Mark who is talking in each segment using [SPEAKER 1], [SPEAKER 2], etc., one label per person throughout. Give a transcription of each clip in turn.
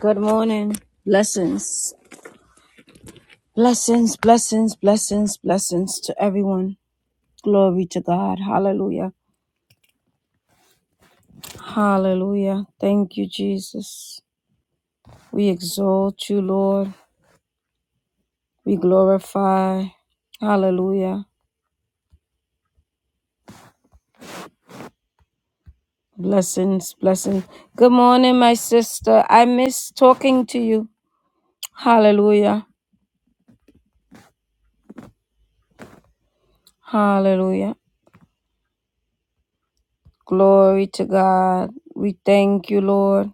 [SPEAKER 1] Good morning. Blessings. Blessings, blessings, blessings, blessings to everyone. Glory to God. Hallelujah. Hallelujah. Thank you, Jesus. We exalt you, Lord. We glorify. Hallelujah. Blessings, blessings. Good morning, my sister. I miss talking to you. Hallelujah. Hallelujah. Glory to God. We thank you, Lord.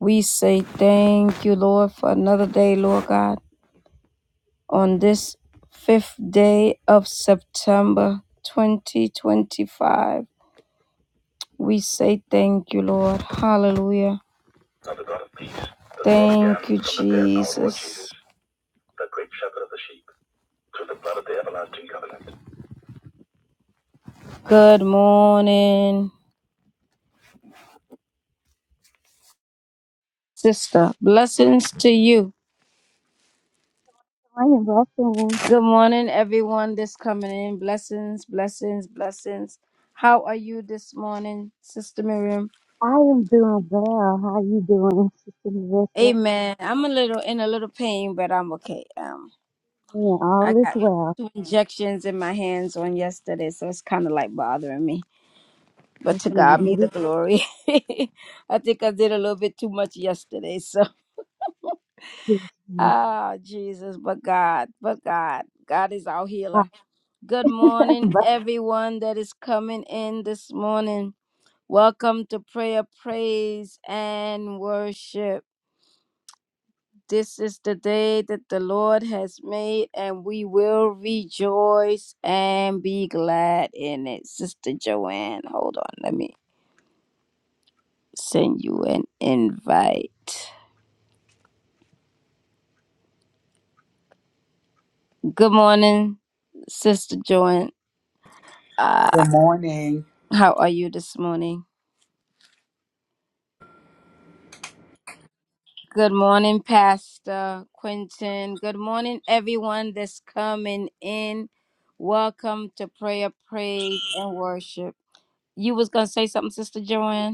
[SPEAKER 1] We say thank you, Lord, for another day, Lord God, on this fifth day of September 2025. We say thank you, Lord. Hallelujah. Thank you, Jesus. Good morning, sister. Blessings to you.
[SPEAKER 2] I am welcome.
[SPEAKER 1] Good morning, everyone that's coming in. Blessings, blessings, blessings. How are you this morning, Sister Miriam?
[SPEAKER 2] I am doing well. How you doing, Sister Marissa?
[SPEAKER 1] Amen. I'm a little in a little pain, but I'm okay. Um,
[SPEAKER 2] Man,
[SPEAKER 1] I
[SPEAKER 2] all is
[SPEAKER 1] got
[SPEAKER 2] well.
[SPEAKER 1] two injections in my hands on yesterday, so it's kind of like bothering me.
[SPEAKER 2] Yes,
[SPEAKER 1] But to
[SPEAKER 2] ma'am.
[SPEAKER 1] God be
[SPEAKER 2] It
[SPEAKER 1] the
[SPEAKER 2] is
[SPEAKER 1] glory. I think I did a little bit too much yesterday. So,
[SPEAKER 2] yes, ma'am.
[SPEAKER 1] ah, Jesus, but God, but God, God is our healer. Good morning,
[SPEAKER 2] But-
[SPEAKER 1] everyone that is coming in this morning. Welcome to prayer, praise, and worship. This is the day that the Lord has made, and we will rejoice and be glad in it. Sister Joanne, hold on. Let me send you an invite. Good morning, Sister Joanne.
[SPEAKER 3] Good
[SPEAKER 1] Uh,
[SPEAKER 3] morning.
[SPEAKER 1] how are you this morning? Good morning, Pastor Quentin. Good morning, everyone that's coming in. Welcome to prayer, praise, and worship. You was gonna say something, Sister Joanne?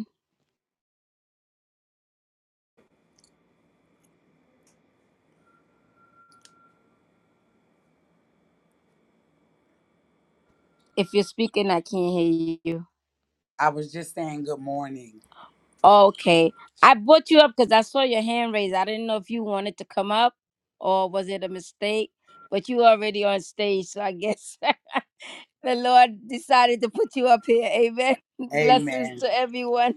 [SPEAKER 1] If you're speaking, I can't hear you.
[SPEAKER 3] I was just saying good morning.
[SPEAKER 1] Okay. I brought you up because I saw your hand raised. I didn't know if you wanted to come up or was it a mistake, but you already on stage. So I guess the Lord decided to put you up here. Amen. Blessings
[SPEAKER 3] Amen.
[SPEAKER 1] to everyone.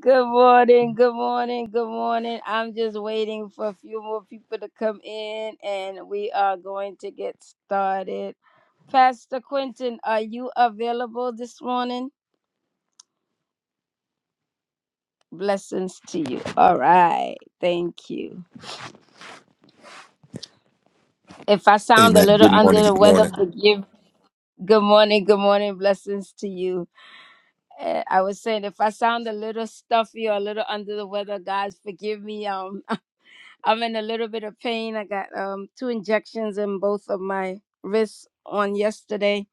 [SPEAKER 1] Good morning. Good morning. Good morning. I'm just waiting for a few more people to come in and we are going to get started. Pastor Quentin, are you available this morning? Blessings to you. All right. Thank you. If I sound a
[SPEAKER 4] Amen.
[SPEAKER 1] little
[SPEAKER 4] Good
[SPEAKER 1] under
[SPEAKER 4] morning.
[SPEAKER 1] the
[SPEAKER 4] Good
[SPEAKER 1] weather,
[SPEAKER 4] morning.
[SPEAKER 1] forgive. Good morning. Good morning. Blessings to you. Uh, I was saying, if I sound a little stuffy or a little under the weather, guys, forgive me. Um, I'm in a little bit of pain. I got um two injections in both of my wrists on yesterday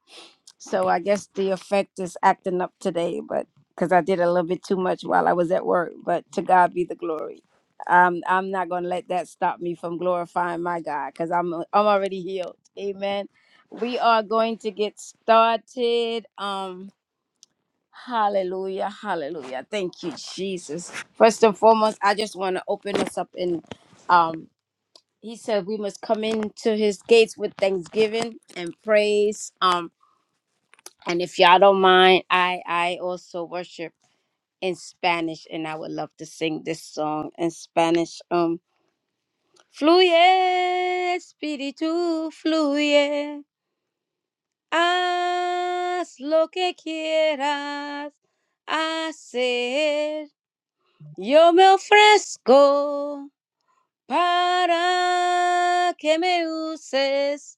[SPEAKER 1] So I guess the effect is acting up today, but because I did a little bit too much while I was at work. But to God be the glory. Um, I'm not going to let that stop me from glorifying my God because I'm I'm already healed. Amen. We are going to get started. Um, hallelujah, hallelujah. Thank you, Jesus. First and foremost, I just want to open us up in. Um, he said we must come into his gates with thanksgiving and praise. Um, and if y'all don't mind, I I also worship in Spanish, and I would love to sing this song in Spanish. Um, fluye, espíritu, fluye, haz lo que quieras hacer. Yo me ofrezco para que me uses.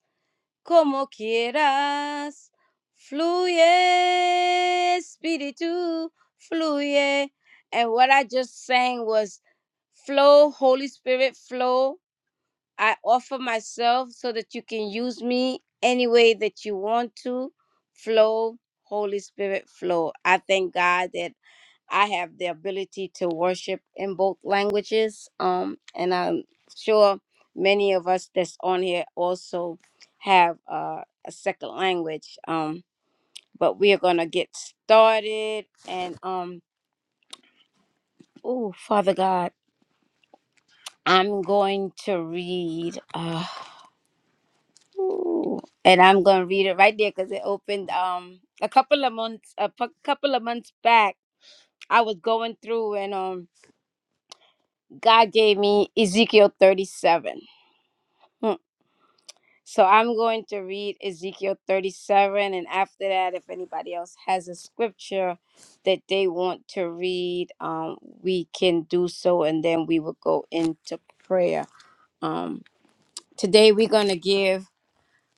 [SPEAKER 1] como quieras. Fluye, Espíritu, fluye. And what I just sang was flow, Holy Spirit, flow. I offer myself so that you can use me any way that you want to. Flow, Holy Spirit, flow. I thank God that I have the ability to worship in both languages. Um, and I'm sure many of us that's on here also have uh, a second language. Um, but we are gonna get started. And um, oh, Father God, I'm going to read. Uh, ooh, and I'm gonna read it right there because it opened um a couple of months a pu- couple of months back. I was going through and um God gave me Ezekiel 37. Hmm. So I'm going to read Ezekiel 37, and after that, if anybody else has a scripture that they want to read, um, we can do so, and then we will go into prayer. Um, today we're gonna give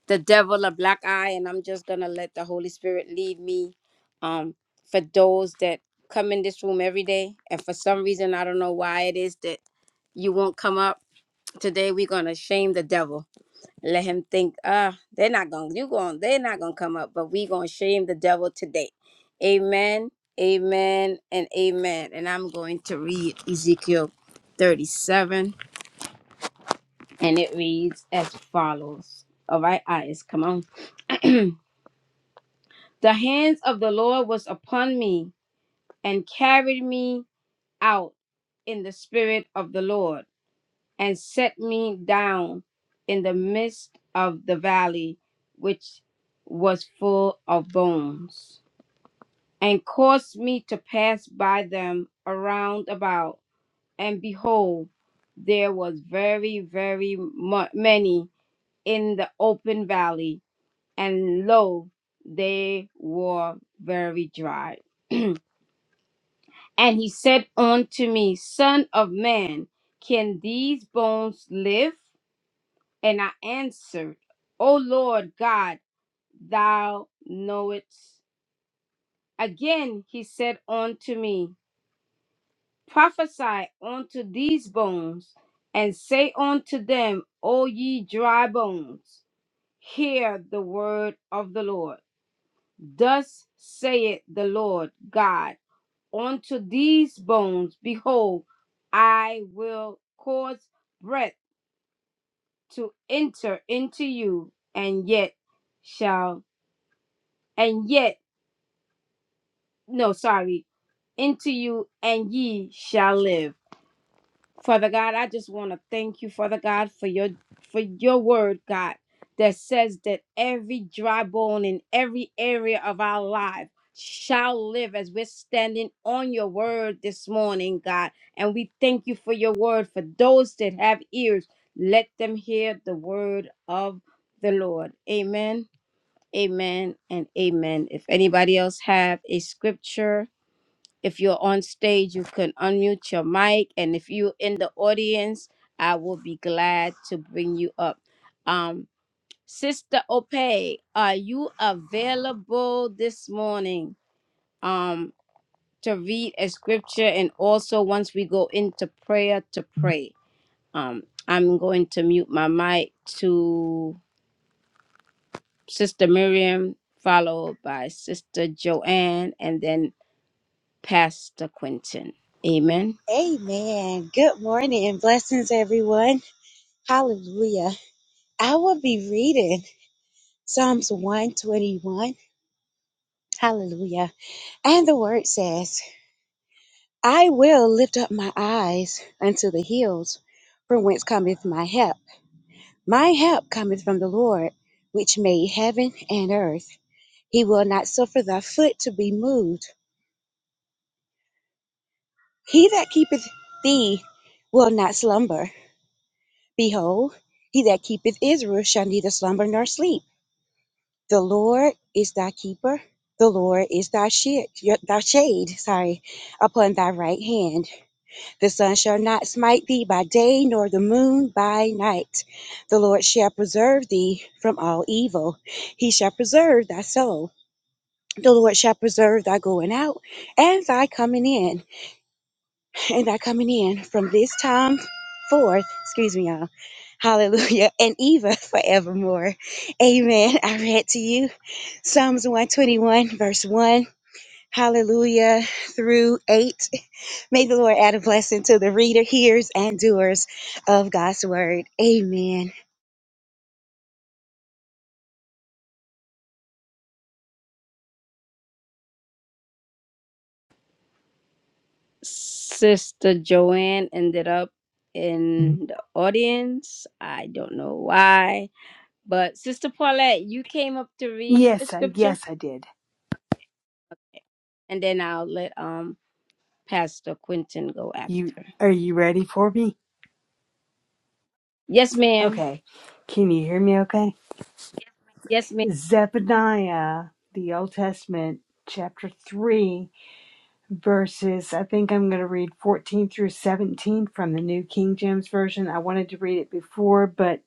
[SPEAKER 1] the devil a black eye, and I'm just gonna let the Holy Spirit lead me. Um, for those that come in this room every day, and for some reason I don't know why it is that you won't come up today, we're gonna shame the devil let him think ah they're not gonna you going they're not gonna come up but we gonna shame the devil today amen amen and amen and i'm going to read ezekiel 37 and it reads as follows all right eyes come on the hands of the lord was upon me and carried me out in the spirit of the lord and set me down in the midst of the valley, which was full of bones, and caused me to pass by them around about. And behold, there was very, very mu- many in the open valley, and lo, they were very dry. and he said unto me, Son of man, can these bones live? And I answered, O Lord God, thou knowest. Again he said unto me, Prophesy unto these bones, and say unto them, O ye dry bones, hear the word of the Lord. Thus saith the Lord God unto these bones, Behold, I will cause breath to enter into you, and yet shall and yet no sorry into you and ye shall live father god i just want to thank you father god for your for your word god that says that every dry bone in every area of our life shall live as we're standing on your word this morning god and we thank you for your word for those that have ears let them hear the word of the lord amen amen and amen if anybody else have a scripture If you're on stage, you can unmute your mic. And if you're in the audience, I will be glad to bring you up. Um, Sister Ope, are you available this morning um, to read a scripture? And also, once we go into prayer, to pray. Um, I'm going to mute my mic to Sister Miriam, followed by Sister Joanne, and then Pastor Quentin. Amen.
[SPEAKER 2] Amen. Good morning and blessings, everyone. Hallelujah. I will be reading Psalms 121. Hallelujah. And the word says, I will lift up my eyes unto the hills, from whence cometh my help. My help cometh from the Lord, which made heaven and earth. He will not suffer thy foot to be moved. He that keepeth thee will not slumber. Behold, he that keepeth Israel shall neither slumber nor sleep. The Lord is thy keeper. The Lord is thy shade, thy shade, sorry, upon thy right hand. The sun shall not smite thee by day, nor the moon by night. The Lord shall preserve thee from all evil. He shall preserve thy soul. The Lord shall preserve thy going out and thy coming in and are coming in from this time forth. Excuse me, y'all. Hallelujah. And Eva forevermore. Amen. I read to you Psalms 121, verse 1. Hallelujah through 8. May the Lord add a blessing to the reader, hearers, and doers of God's word. Amen.
[SPEAKER 1] Sister Joanne ended up in the audience. I don't know why, but Sister Paulette, you came up to read a
[SPEAKER 5] Yes, I
[SPEAKER 1] scripture,
[SPEAKER 5] yes I did.
[SPEAKER 1] and then I'll let um Pastor Quentin go
[SPEAKER 5] You
[SPEAKER 1] after.
[SPEAKER 5] are you ready for me?
[SPEAKER 1] Yes, ma'am.
[SPEAKER 5] Okay. Can you hear me okay?
[SPEAKER 1] Yes, ma'am.
[SPEAKER 5] Zephaniah, the Old Testament, chapter three, verses I think I'm gonna read fourteen through seventeen from the New King James Version. I wanted to read it before, but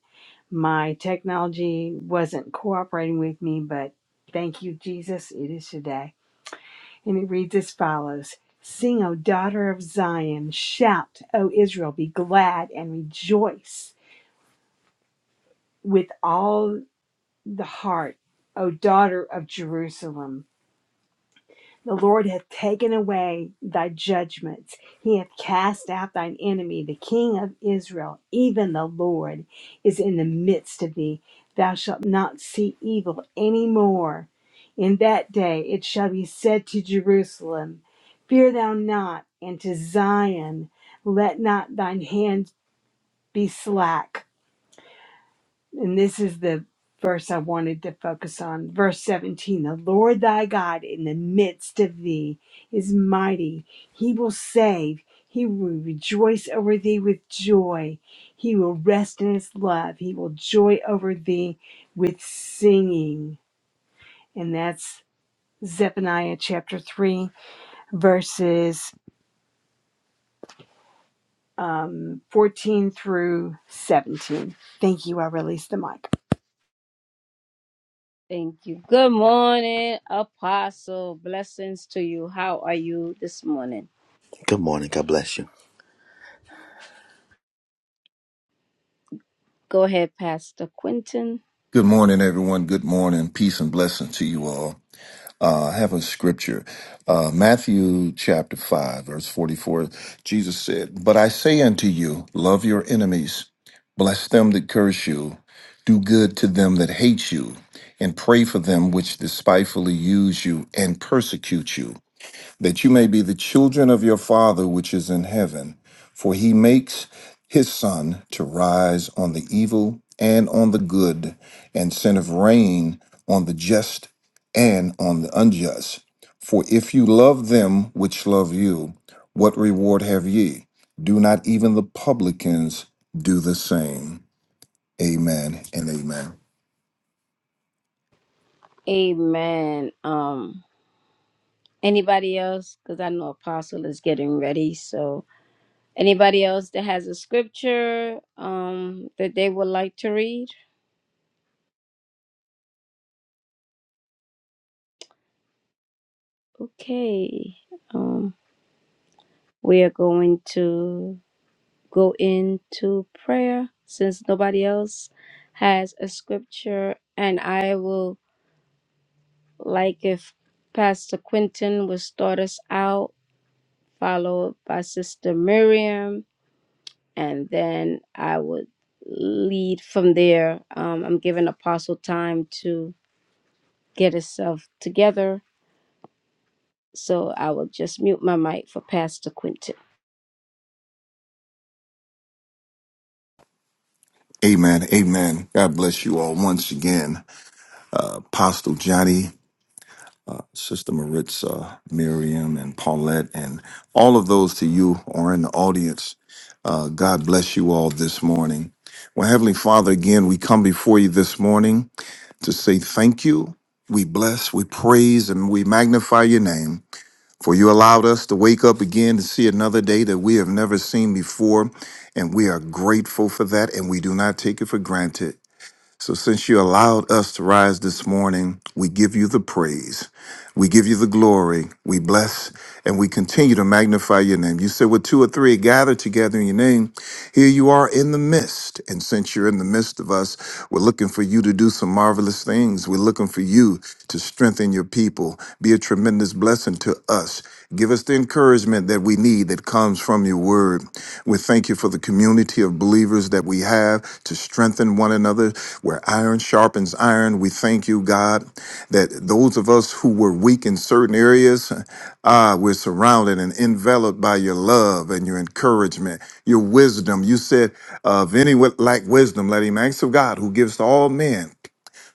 [SPEAKER 5] my technology wasn't cooperating with me, but thank you, Jesus. It is today. And it reads as follows Sing, O daughter of Zion, shout, O Israel, be glad and rejoice with all the heart, O daughter of Jerusalem. The Lord hath taken away thy judgments. He hath cast out thine enemy, the King of Israel. Even the Lord is in the midst of thee. Thou shalt not see evil any more. In that day it shall be said to Jerusalem, Fear thou not, and to Zion, Let not thine hand be slack and this is the verse I wanted to focus on. Verse 17 The Lord thy God in the midst of thee is mighty, he will save. He will rejoice over thee with joy. He will rest in his love. He will joy over thee with singing. And that's Zephaniah chapter 3, verses um, 14 through 17. Thank you. I release the mic.
[SPEAKER 1] Thank you. Good morning, Apostle. Blessings to you. How are you this morning?
[SPEAKER 6] Good morning. God bless you.
[SPEAKER 1] Go ahead, Pastor Quentin.
[SPEAKER 4] Good morning, everyone. Good morning. Peace and blessing to you all. Uh, I have a scripture, uh, Matthew chapter 5, verse 44. Jesus said, But I say unto you, love your enemies, bless them that curse you, do good to them that hate you, and pray for them which despitefully use you and persecute you that you may be the children of your Father which is in heaven. For he makes his sun to rise on the evil and on the good, and sendeth rain on the just and on the unjust. For if you love them which love you, what reward have ye? Do not even the publicans do the same? Amen and amen.
[SPEAKER 1] Amen. Um, anybody else? Because I know Apostle is getting ready, so. Anybody else that has a scripture um that they would like to read? Okay. Um we are going to go into prayer since nobody else has a scripture and I will like if Pastor Quentin will start us out, followed by Sister Miriam, and then I would lead from there. Um, I'm giving Apostle time to get himself together So I will just mute my mic for Pastor Quentin.
[SPEAKER 4] Amen. Amen. God bless you all once again. Uh, Apostle Johnny Sister Maritza, Miriam, and Paulette, and all of those to you or in the audience. Uh, God bless you all this morning. Well, Heavenly Father, again, we come before you this morning to say thank you. We bless, we praise, and we magnify your name. For you allowed us to wake up again to see another day that we have never seen before. And we are grateful for that, and we do not take it for granted. So, since you allowed us to rise this morning, we give you the praise. We give you the glory. We bless and we continue to magnify your name. You said, with two or three gathered together in your name, here you are in the midst. And since you're in the midst of us, we're looking for you to do some marvelous things. We're looking for you to strengthen your people, be a tremendous blessing to us. Give us the encouragement that we need that comes from your word. We thank you for the community of believers that we have to strengthen one another where iron sharpens iron. We thank you, God, that those of us who were weak in certain areas, ah, we're surrounded and enveloped by your love and your encouragement, your wisdom. You said, of any wi- lack wisdom, let him ask of God who gives to all men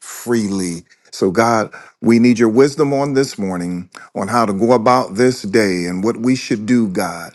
[SPEAKER 4] freely. So, God, we need your wisdom on this morning on how to go about this day and what we should do, God.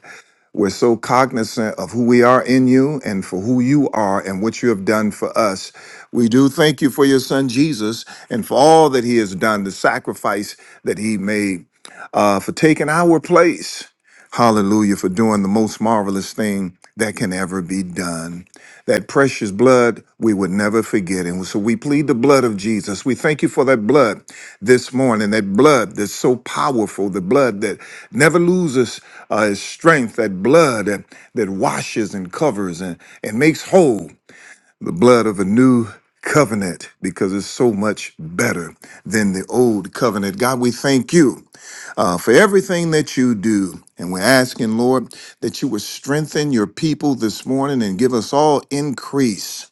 [SPEAKER 4] We're so cognizant of who we are in you and for who you are and what you have done for us. We do thank you for your son Jesus and for all that he has done, the sacrifice that he made, uh, for taking our place. Hallelujah for doing the most marvelous thing that can ever be done. That precious blood we would never forget. And so we plead the blood of Jesus. We thank you for that blood this morning, that blood that's so powerful, the blood that never loses uh, its strength, that blood that, that washes and covers and, and makes whole, the blood of a new covenant because it's so much better than the old covenant. God, we thank you uh, for everything that you do. And we're asking, Lord, that you would strengthen your people this morning and give us all increase.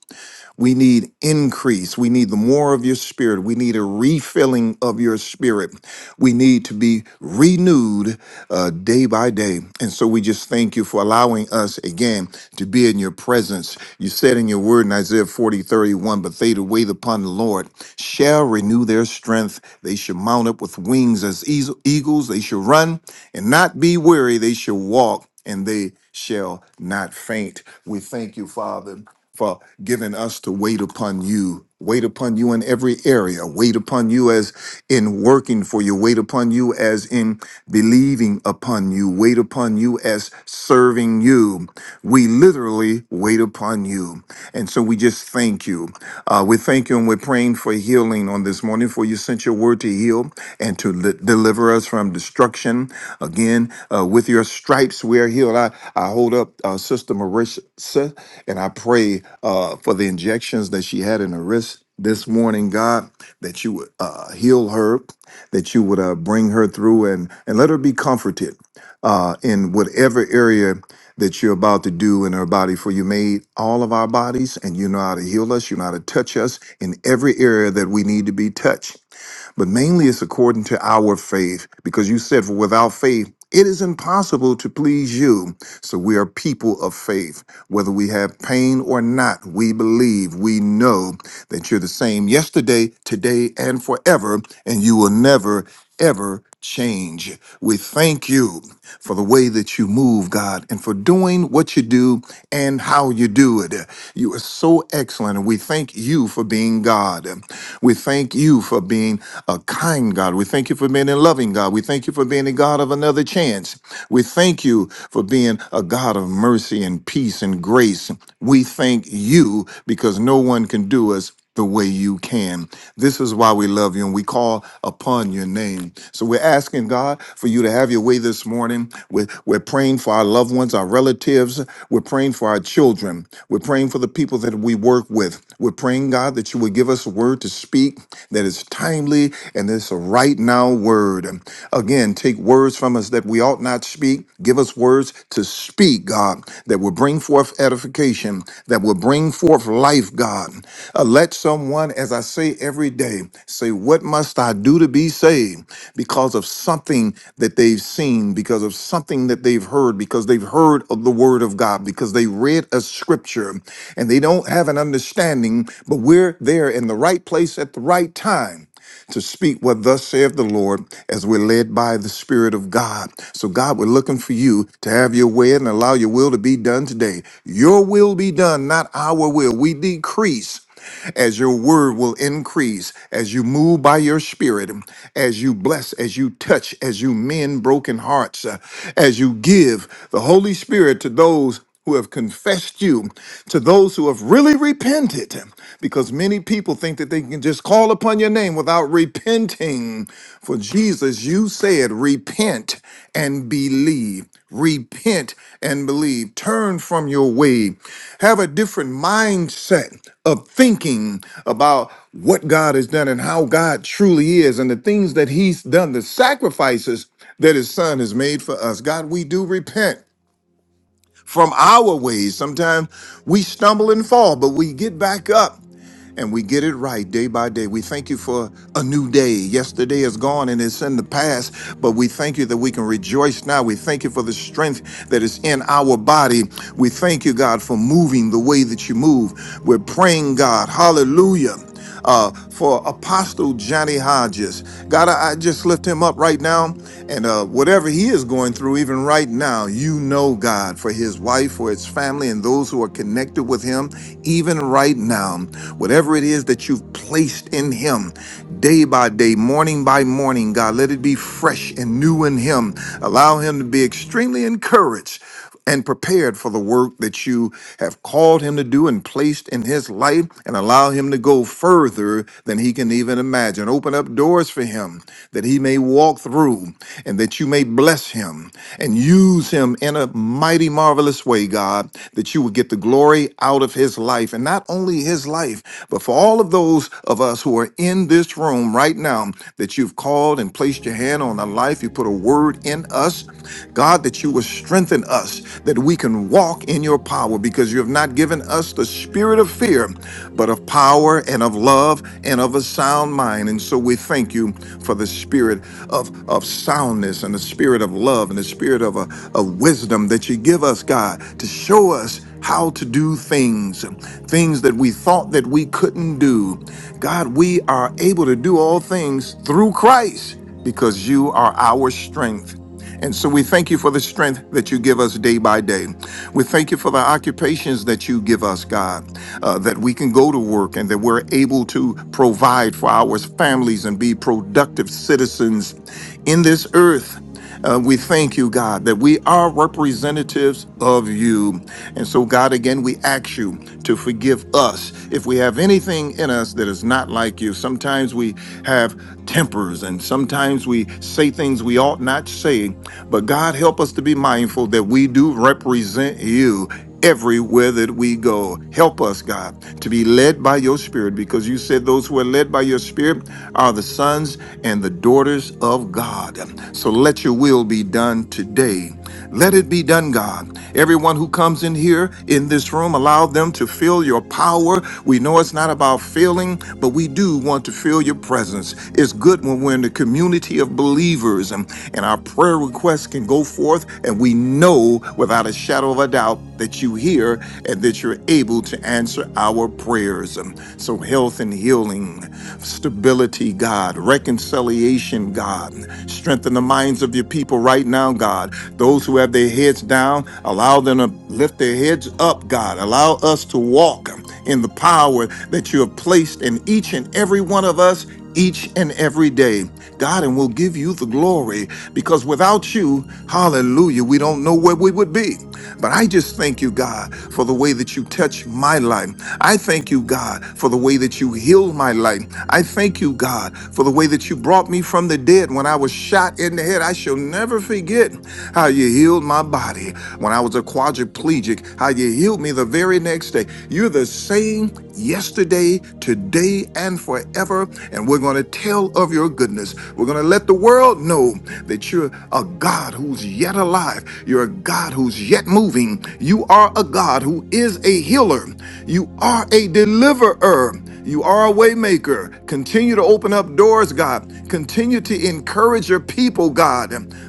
[SPEAKER 4] We need increase. We need the more of your spirit. We need a refilling of your spirit. We need to be renewed uh, day by day. And so we just thank you for allowing us again to be in your presence. You said in your word in Isaiah 40 31: but they that wait upon the Lord shall renew their strength. They shall mount up with wings as eas- eagles. They shall run and not be weary. They shall walk and they shall not faint. We thank you, Father for giving us to wait upon you. Wait upon you in every area. Wait upon you as in working for you. Wait upon you as in believing upon you. Wait upon you as serving you. We literally wait upon you. And so we just thank you. Uh, we thank you and we're praying for healing on this morning you for you sent your word to heal and to li- deliver us from destruction. Again, uh, with your stripes we are healed. I, I hold up uh, Sister Marissa and I pray uh, for the injections that she had in her wrist this morning, God, that you would uh, heal her, that you would uh, bring her through and, and let her be comforted uh, in whatever area that you're about to do in our body, for you made all of our bodies, and you know how to heal us, you know how to touch us in every area that we need to be touched. But mainly it's according to our faith, because you said, For without faith, it is impossible to please you. So we are people of faith. Whether we have pain or not, we believe, we know that you're the same yesterday, today, and forever, and you will never, ever change. We thank you for the way that you move, God, and for doing what you do and how you do it. You are so excellent, and we thank you for being God. We thank you for being a kind God. We thank you for being a loving God. We thank you for being a God of another chance. We thank you for being a God of mercy and peace peace and grace. We thank you because no one can do us the way you can. This is why we love you and we call upon your name. So we're asking God for you to have your way this morning. We're, we're praying for our loved ones, our relatives. We're praying for our children. We're praying for the people that we work with. We're praying, God, that you would give us a word to speak that is timely and it's a right now word. Again, take words from us that we ought not speak. Give us words to speak, God, that will bring forth edification, that will bring forth life, God. Uh, let someone, as I say every day, say, What must I do to be saved? Because of something that they've seen, because of something that they've heard, because they've heard of the word of God, because they read a scripture and they don't have an understanding, but we're there in the right place at the right time to speak what thus saith the Lord as we're led by the Spirit of God. So, God, we're looking for you to have your way and allow your will to be done today. Your will be done, not our will. We decrease as your word will increase, as you move by your spirit, as you bless, as you touch, as you mend broken hearts, uh, as you give the Holy Spirit to those who have confessed you, to those who have really repented, because many people think that they can just call upon your name without repenting. For Jesus, you said, repent and believe. Repent and believe. Turn from your way. Have a different mindset of thinking about what God has done and how God truly is and the things that He's done, the sacrifices that His Son has made for us. God, we do repent from our ways. Sometimes we stumble and fall, but we get back up and we get it right day by day. We thank you for a new day. Yesterday is gone and it's in the past, but we thank you that we can rejoice now. We thank you for the strength that is in our body. We thank you, God, for moving the way that you move. We're praying, God, hallelujah, uh, for Apostle Johnny Hodges. God, I, I just lift him up right now, and uh, whatever he is going through, even right now, you know know God for his wife, for his family, and those who are connected with him, even right now. Whatever it is that you've placed in him, day by day, morning by morning, God, let it be fresh and new in him. Allow him to be extremely encouraged and prepared for the work that you have called him to do and placed in his life and allow him to go further than he can even imagine. Open up doors for him that he may walk through and that you may bless him and use him in a mighty, marvelous way, God, that you would get the glory out of his life and not only his life, but for all of those of us who are in this room right now that you've called and placed your hand on a life, you put a word in us. God, God, that you will strengthen us, that we can walk in your power, because you have not given us the spirit of fear, but of power and of love and of a sound mind. And so we thank you for the spirit of, of soundness and the spirit of love and the spirit of, uh, of wisdom that you give us, God, to show us how to do things, things that we thought that we couldn't do. God, we are able to do all things through Christ because you are our strength. And so we thank you for the strength that you give us day by day. We thank you for the occupations that you give us, God, uh, that we can go to work and that we're able to provide for our families and be productive citizens in this earth. Uh, we thank you, God, that we are representatives of you. And so, God, again, we ask you to forgive us if we have anything in us that is not like you. Sometimes we have tempers and sometimes we say things we ought not say. But, God, help us to be mindful that we do represent you everywhere that we go. Help us, God, to be led by your spirit because you said those who are led by your spirit are the sons and the daughters of God. So let your will be done today. Let it be done, God. Everyone who comes in here in this room, allow them to feel your power. We know it's not about feeling, but we do want to feel your presence. It's good when we're in the community of believers and, and our prayer requests can go forth and we know without a shadow of a doubt that you hear and that you're able to answer our prayers. Um, So, health and healing, stability, God, reconciliation, God, strengthen the minds of your people right now, God. Those who have their heads down, allow them to lift their heads up, God. Allow us to walk um, in the power that you have placed in each and every one of us each and every day. God, and we'll give you the glory because without you, hallelujah, we don't know where we would be. But I just thank you, God, for the way that you touch my life. I thank you, God, for the way that you healed my life. I thank you, God, for the way that you brought me from the dead when I was shot in the head. I shall never forget how you healed my body when I was a quadriplegic quadriplegic, how you healed me the very next day. You're the same yesterday, today, and forever. And we're going to tell of your goodness. We're going to let the world know that you're a God who's yet alive. You're a God who's yet moving. You are a God who is a healer. You are a deliverer. You are a waymaker. Continue to open up doors, God. Continue to encourage your people, God.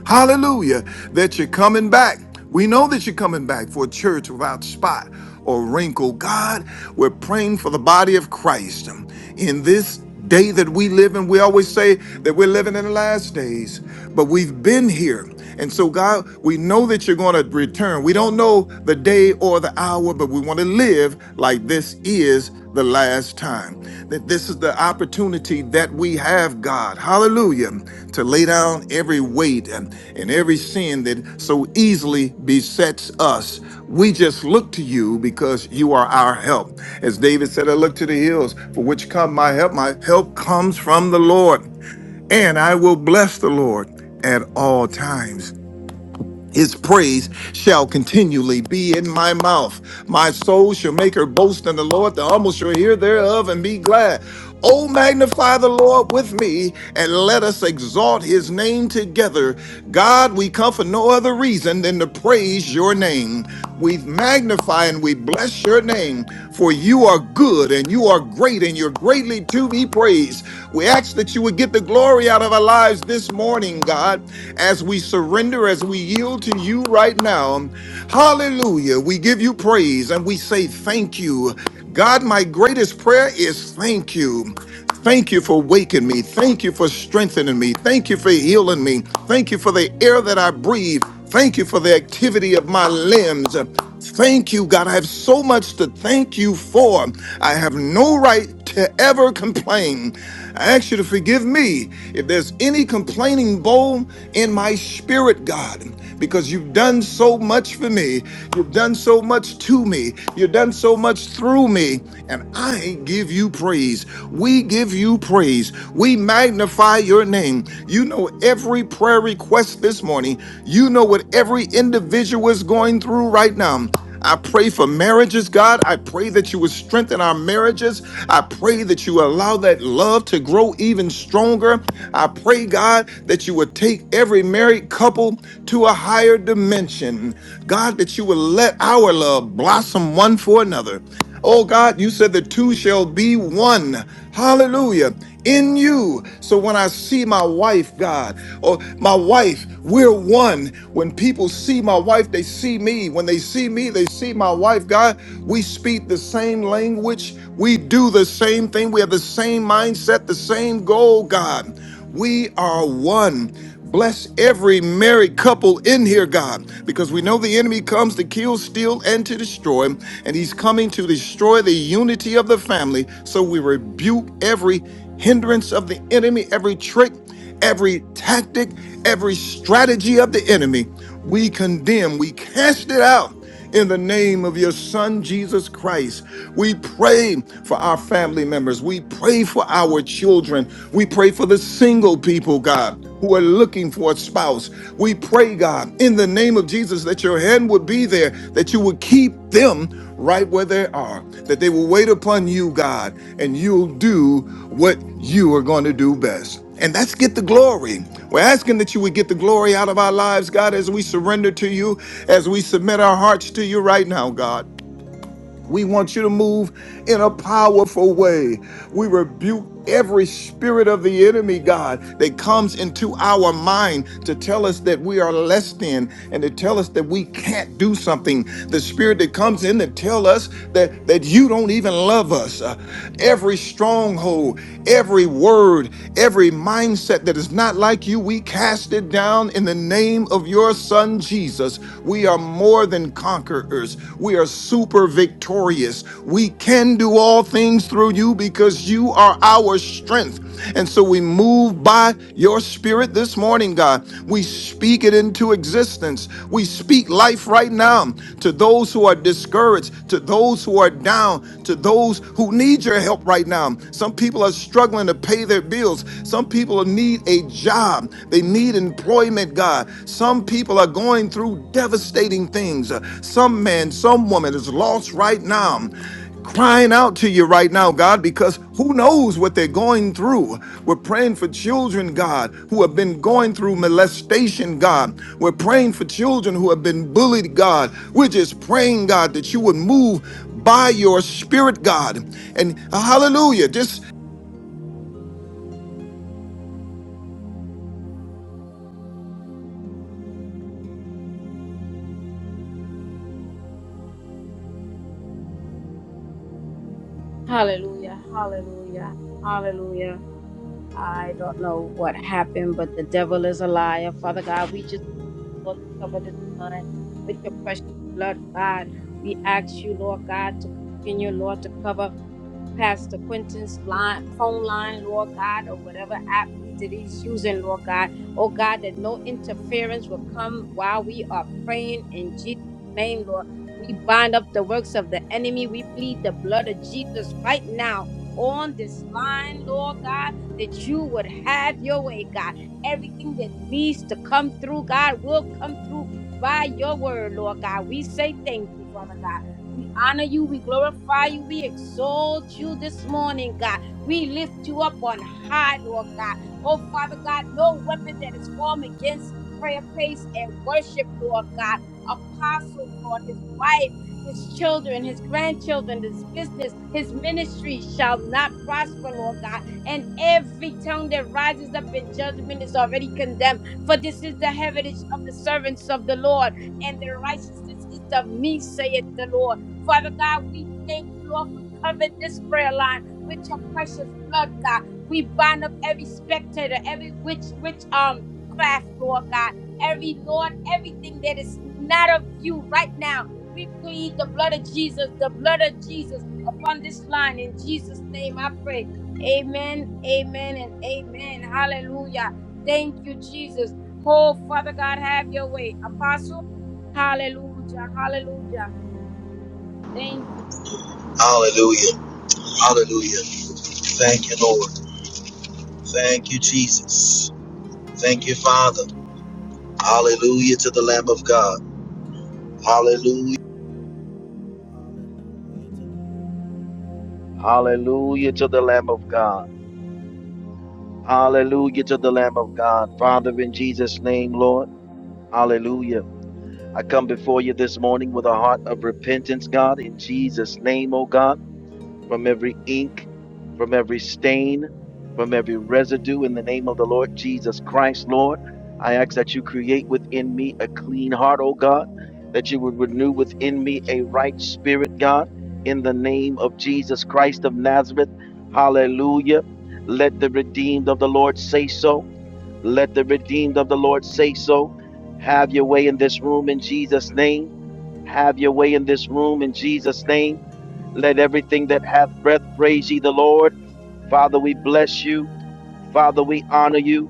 [SPEAKER 4] Hallelujah, that you're coming back. We know that you're coming back for a church without spot or wrinkle. God, we're praying for the body of Christ in this day that we live in. We always say that we're living in the last days, but we've been here. And so, God, we know that you're going to return. We don't know the day or the hour, but we want to live like this is the last time. That this is the opportunity that we have, God, hallelujah, to lay down every weight and, and every sin that so easily besets us. We just look to you because you are our help. As David said, I look to the hills, for which come my help. My help comes from the Lord, and I will bless the Lord at all times. His praise shall continually be in my mouth. My soul shall make her boast in the Lord. The humble shall hear thereof and be glad. Oh, magnify the Lord with me and let us exalt his name together. God, we come for no other reason than to praise your name. We magnify and we bless your name, for you are good and you are great and you're greatly to be praised. We ask that you would get the glory out of our lives this morning, God as we surrender, as we yield to you right now. Hallelujah. We give you praise and we say thank you. God, my greatest prayer is thank you. Thank you for waking me. Thank you for strengthening me. Thank you for healing me. Thank you for the air that I breathe. Thank you for the activity of my limbs. Thank you, God. I have so much to thank you for. I have no right to ever complain. I ask you to forgive me if there's any complaining bone in my spirit, God, because you've done so much for me. You've done so much to me. You've done so much through me. And I give you praise. We give you praise. We magnify your name. You know know every prayer request this morning. You know what every individual is going through right now. I pray for marriages, God. I pray that you would strengthen our marriages. I pray that you allow that love to grow even stronger. I pray, God, that you would take every married couple to a higher dimension. God, that you would let our love blossom one for another. Oh, God, you said the two shall be one. Hallelujah. In you. So when I see my wife, God, or my wife, we're one. When people see my wife, they see me. When they see me, they see my wife, God. We speak the same language. We do the same thing. We have the same mindset, the same goal, God. We are one. Bless every married couple in here, God, because we know the enemy comes to kill, steal, and to destroy, and he's coming to destroy the unity of the family. So we rebuke every hindrance of the enemy, every trick, every tactic, every strategy of the enemy. We condemn, we cast it out in the name of your son, Jesus Christ, we pray for our family members. We pray for our children. We pray for the single people, God. Who are looking for a spouse. We pray, God, in the name of Jesus, that your hand would be there, that you would keep them right where they are, that they will wait upon you, God, and you'll do what you are going to do best. And that's get the glory. We're asking that you would get the glory out of our lives, God, as we surrender to you, as we submit our hearts to you right now, God. We want you to move in a powerful way. We rebuke every spirit of the enemy, God, that comes into our mind to tell us that we are less than and to tell us that we can't do something. The spirit that comes in to tell us that, that you don't even love us. Uh, every stronghold, every word, every mindset that is not like you, we cast it down in the name of your son, on Jesus, we are more than conquerors. We are super victorious. We can do all things through you because you are our strength. And so we move by your spirit this morning, God. We speak it into existence. We speak life right now to those who are discouraged, to those who are down, to those who need your help right now. Some people are struggling to pay their bills. Some people people need a job, they need employment, God. Some people are going through devastating things. Uh, Some man, some woman is lost right now crying out to you right now, God, because who knows what they're going through. We're praying for children, God, who have been going through molestation, God. We're praying for children who have been bullied, God. We're just praying, God, that you would move by your spirit, God. And hallelujah, Just
[SPEAKER 1] Hallelujah, hallelujah, hallelujah. I don't know what happened, but the devil is a liar. Father God, we just Lord, cover this line with your precious blood, God. We ask you, Lord God, to continue, Lord, to cover. Pastor Quentin's line, phone line, Lord God, or whatever app that he's using, Lord God. Oh God, that no interference will come while we are praying in Jesus' name, Lord. We bind up the works of the enemy. We plead the blood of Jesus right now on this line, Lord God, that you would have your way, God. Everything that needs to come through, God, will come through by your word, Lord God. We say thank you, Father God. We honor you. We glorify you. We exalt you this morning, God. We lift you up on high, Lord God. Oh, Father God, no weapon that is formed against prayer, praise, and worship, Lord God. Apostle, Lord, his wife, his children, his grandchildren, his business, his ministry shall not prosper, Lord God. And every tongue that rises up in judgment is already condemned. For this is the heritage of the servants of the Lord, and their righteousness is of me, saith the Lord. Father God, we thank you, Lord, for covering this prayer line with your precious blood, God. We bind up every spectator, every witch, witch, um, craft, Lord God. Every Lord, everything that is not of you right now. We plead the blood of Jesus, the blood of Jesus upon this line. In Jesus' name I pray. Amen, amen, and amen. Hallelujah. Thank you, Jesus. Oh, Father God, have your way. Apostle, hallelujah, hallelujah. Thank you, Jesus.
[SPEAKER 6] Hallelujah. Hallelujah. Thank you, Lord. Thank you, Jesus. Thank you, Father. Hallelujah to the Lamb of God. Hallelujah. Hallelujah to the Lamb of God. Hallelujah to the Lamb of God. Father, in Jesus' name, Lord. Hallelujah. I come before you this morning with a heart of repentance, God, in Jesus' name, oh God. from every ink, from every stain, from every residue in the name of the Lord Jesus Christ, Lord. I ask that you create within me a clean heart, O God, that you would renew within me a right spirit, God, in the name of Jesus Christ of Nazareth. Hallelujah. Let the redeemed of the Lord say so. Let the redeemed of the Lord say so. Have your way in this room in Jesus' name. Have your way in this room in Jesus' name let everything that hath breath praise ye the Lord. Father, we bless you. Father, we honor you.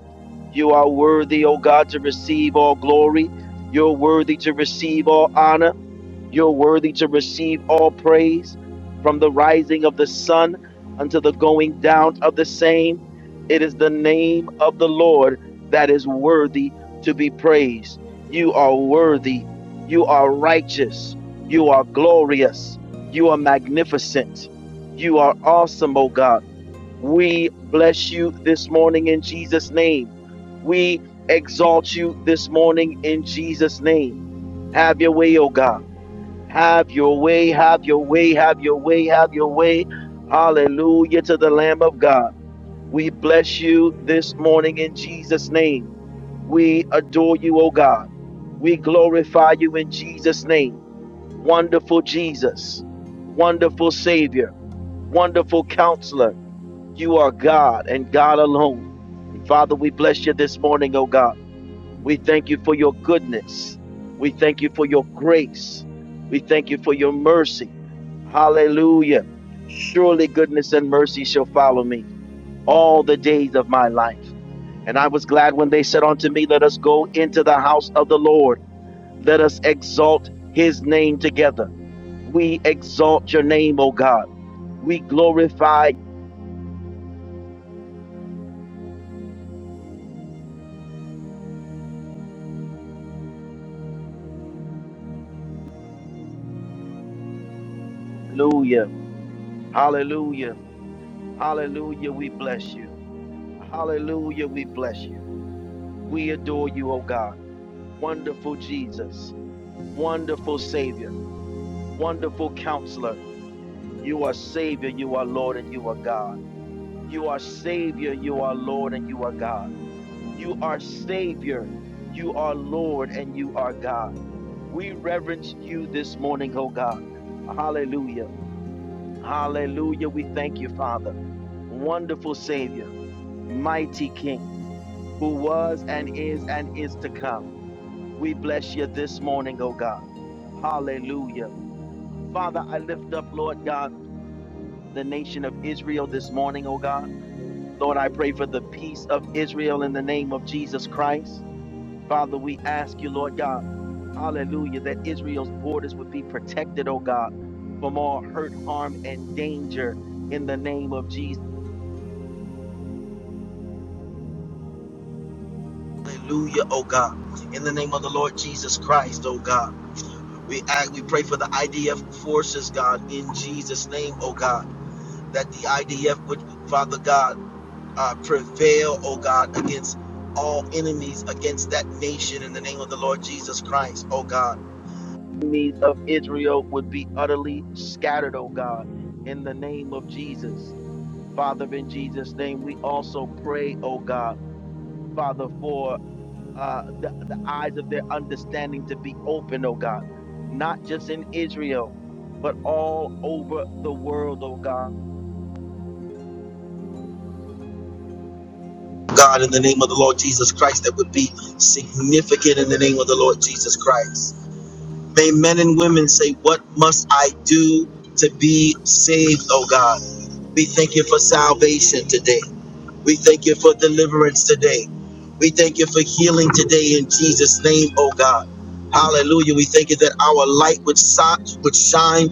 [SPEAKER 6] You are worthy, O God, to receive all glory. You're worthy to receive all honor. You're worthy to receive all praise from the rising of the sun unto the going down of the same. It is the name of the Lord that is worthy to be praised. You are worthy. You are righteous. You are glorious. You are magnificent. You are awesome, O God. We bless you this morning in Jesus' name. We exalt you this morning in Jesus' name. Have your way, O God have your way, have your way, have your way, have your way. Hallelujah to the Lamb of God. We bless you this morning in Jesus' name. We adore you, O God. We glorify you in Jesus' name. Wonderful Jesus, wonderful Savior, wonderful Counselor. You are God and God alone. And Father, we bless you this morning, O God. We thank you for your goodness. We thank you for your grace. We thank you for your mercy. Hallelujah. Surely goodness and mercy shall follow me all the days of my life. And I was glad when they said unto me, Let us go into the house of the Lord. Let us exalt his name together. We exalt your name, O God. We glorify. Hallelujah. Hallelujah. Hallelujah. We bless you. Hallelujah. We bless you. We adore you, O God. Wonderful Jesus, wonderful Savior, wonderful Counselor. You are Savior, you are Lord, and you are God. You are Savior, you are Lord, and you are God. You are Savior, you are Lord, and you are God. We reverence you this morning, oh God. Hallelujah. Hallelujah. We thank you, Father. Wonderful Savior, mighty King, who was and is and is to come. We bless you this morning, oh God. Hallelujah. Father, I lift up, Lord God, the nation of Israel this morning, oh God. Lord, I pray for the peace of Israel in the name of Jesus Christ. Father, we ask you, Lord God, hallelujah, that Israel's borders would be protected, oh God, from all hurt, harm, and danger in the name of Jesus. Hallelujah, oh God. In the name of the Lord Jesus Christ, oh God. We act, we pray for the IDF forces, God, in Jesus' name, oh God. that the IDF would, Father God, uh, prevail, oh God, against all enemies, against that nation in the name of the Lord Jesus Christ, oh God. Enemies of Israel would be utterly scattered, oh God, in the name of Jesus. Father, in Jesus' name, we also pray, oh God, Father, for uh, the, the eyes of their understanding to be open, oh God, not just in Israel, but all over the world, oh God. God, in the name of the Lord Jesus Christ, that would be significant in the name of the Lord Jesus Christ. May men and women say, What must I do to be saved, oh God? We thank you for salvation today. We thank you for deliverance today. We thank you for healing today in Jesus' name, oh God. Hallelujah. We thank you that our light would, si- would shine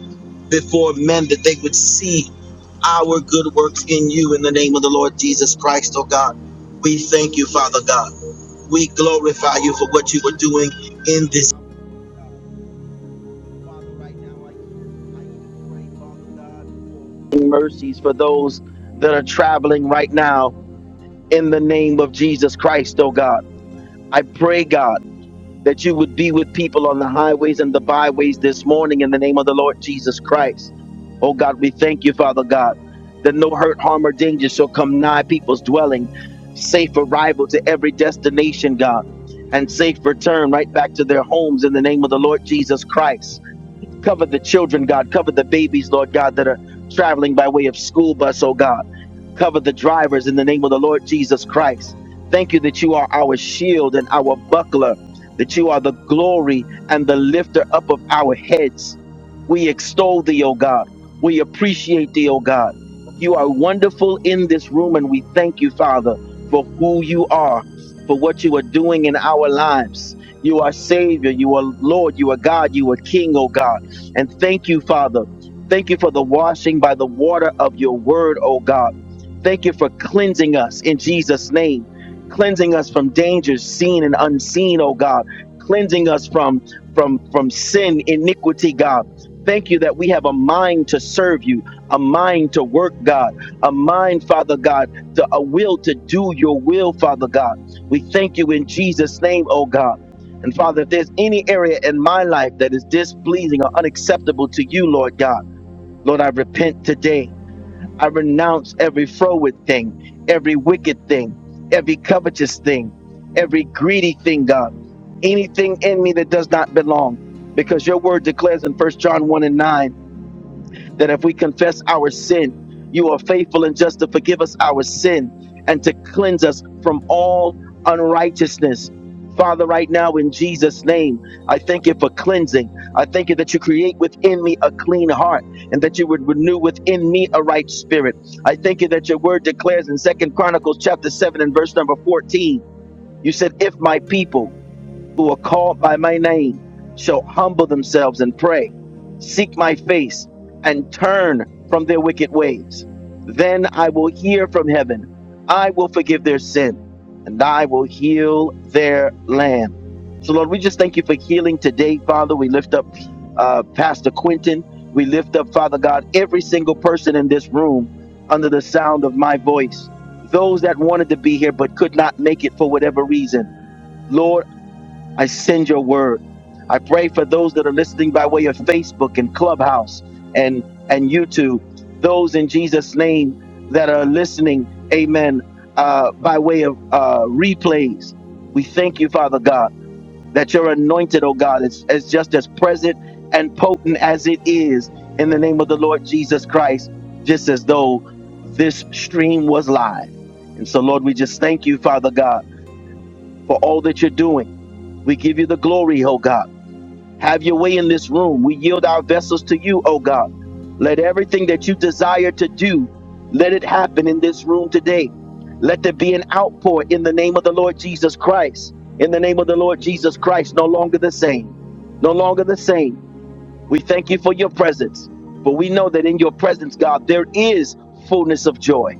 [SPEAKER 6] before men, that they would see our good works in you in the name of the Lord Jesus Christ, oh God. We thank you, Father God. We glorify you for what you are doing in this. Father, right now, I even, I even pray, Father God, for mercies for those that are traveling right now in the name of Jesus Christ, oh God. I pray, God. that you would be with people on the highways and the byways this morning in the name of the Lord Jesus Christ. Oh God, we thank you, Father God, that no hurt, harm, or danger shall come nigh people's dwelling. Safe arrival to every destination, God, and safe return right back to their homes in the name of the Lord Jesus Christ. Cover the children, God. Cover the babies, Lord God, that are traveling by way of school bus, oh God. Cover the drivers in the name of the Lord Jesus Christ. Thank you that you are our shield and our buckler, that you are the glory and the lifter up of our heads. We extol thee, O God. We appreciate thee, O God. You are wonderful in this room, and we thank you, Father, for who you are, for what you are doing in our lives. You are Savior, you are Lord, you are God, you are King, O God. And thank you, Father. Thank you for the washing by the water of your word, oh God. Thank you for cleansing us in Jesus' name, cleansing us from dangers seen and unseen, oh God, cleansing us from from from sin, iniquity, God. Thank you that we have a mind to serve you, a mind to work, God, a mind, Father God, to a will to do your will, Father God. We thank you in Jesus' name, oh God. And Father, if there's any area in my life that is displeasing or unacceptable to you, Lord God, Lord, I repent today. I renounce every froward thing, every wicked thing, every covetous thing, every greedy thing, God, anything in me that does not belong. Because your word declares in First John 1 and 9 that if we confess our sin, you are faithful and just to forgive us our sin and to cleanse us from all unrighteousness. Father, right now in Jesus' name, I thank you for cleansing. I thank you that you create within me a clean heart and that you would renew within me a right spirit. I thank you that your word declares in Second Chronicles chapter 7 and verse number 14, you said, if my people who are called by my name shall humble themselves and pray, seek my face, and turn from their wicked ways. Then I will hear from heaven, I will forgive their sin, and I will heal their land. So, Lord, we just thank you for healing today, Father. We lift up uh, Pastor Quentin. We lift up, Father God, every single person in this room under the sound of my voice. Those that wanted to be here but could not make it for whatever reason. Lord, I send your word. I pray for those that are listening by way of Facebook and Clubhouse and and YouTube. Those in Jesus' name that are listening, Amen. Uh, by way of uh, replays, we thank you, Father God, that your anointed, oh God, is, is just as present and potent as it is in the name of the Lord Jesus Christ, just as though this stream was live. And so, Lord, we just thank you, Father God, for all that you're doing. We give you the glory, oh God. Have your way in this room. We yield our vessels to you, oh God. Let everything that you desire to do, let it happen in this room today. Let there be an outpour in the name of the Lord Jesus Christ. In the name of the Lord Jesus Christ, no longer the same. No longer the same. We thank you for your presence. For we know that in your presence, God, there is fullness of joy.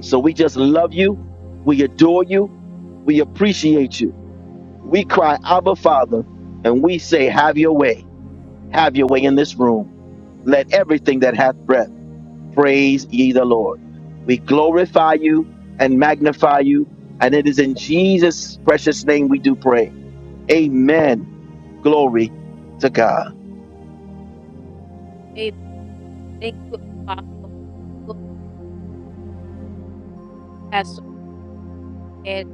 [SPEAKER 6] So we just love you. We adore you. We appreciate you. We cry, Abba, Father, and we say, Have your way. Have your way in this room. Let everything that hath breath praise ye the Lord. We glorify you and magnify you. And it is in Jesus' precious name we do pray. Amen. Glory to God.
[SPEAKER 1] Amen. Thank you, Apostle. Go, Pastor Ed.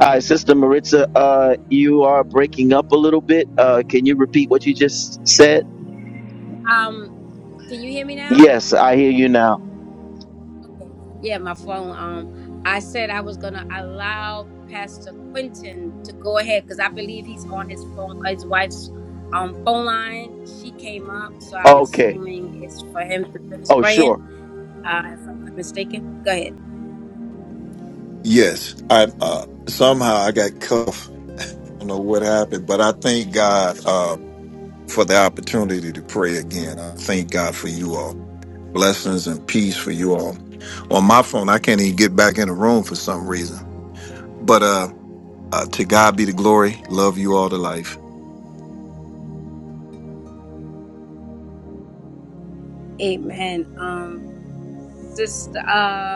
[SPEAKER 6] All right, Sister Maritza, uh, you are breaking up a little bit. Uh, can you repeat what you just said?
[SPEAKER 1] Um, can you hear me now?
[SPEAKER 6] Yes, I hear you now.
[SPEAKER 1] Okay. Yeah, my phone. Um, I said I was gonna allow Pastor Quentin to go ahead because I believe he's on his phone, his wife's um phone line. She came up, so I'm
[SPEAKER 6] Okay.
[SPEAKER 1] assuming it's for him to finish
[SPEAKER 6] Oh,
[SPEAKER 1] praying.
[SPEAKER 6] sure.
[SPEAKER 1] Uh, if I'm not mistaken. Go ahead.
[SPEAKER 7] Yes, I uh, somehow I got cuffed. I don't know what happened, but I thank God uh, for the opportunity to pray again. I thank God for you all. Blessings and peace for you all. On my phone, I can't even get back in the room for some reason. But uh, uh, to God be the glory. Love you all to life.
[SPEAKER 1] Amen. Um, sister.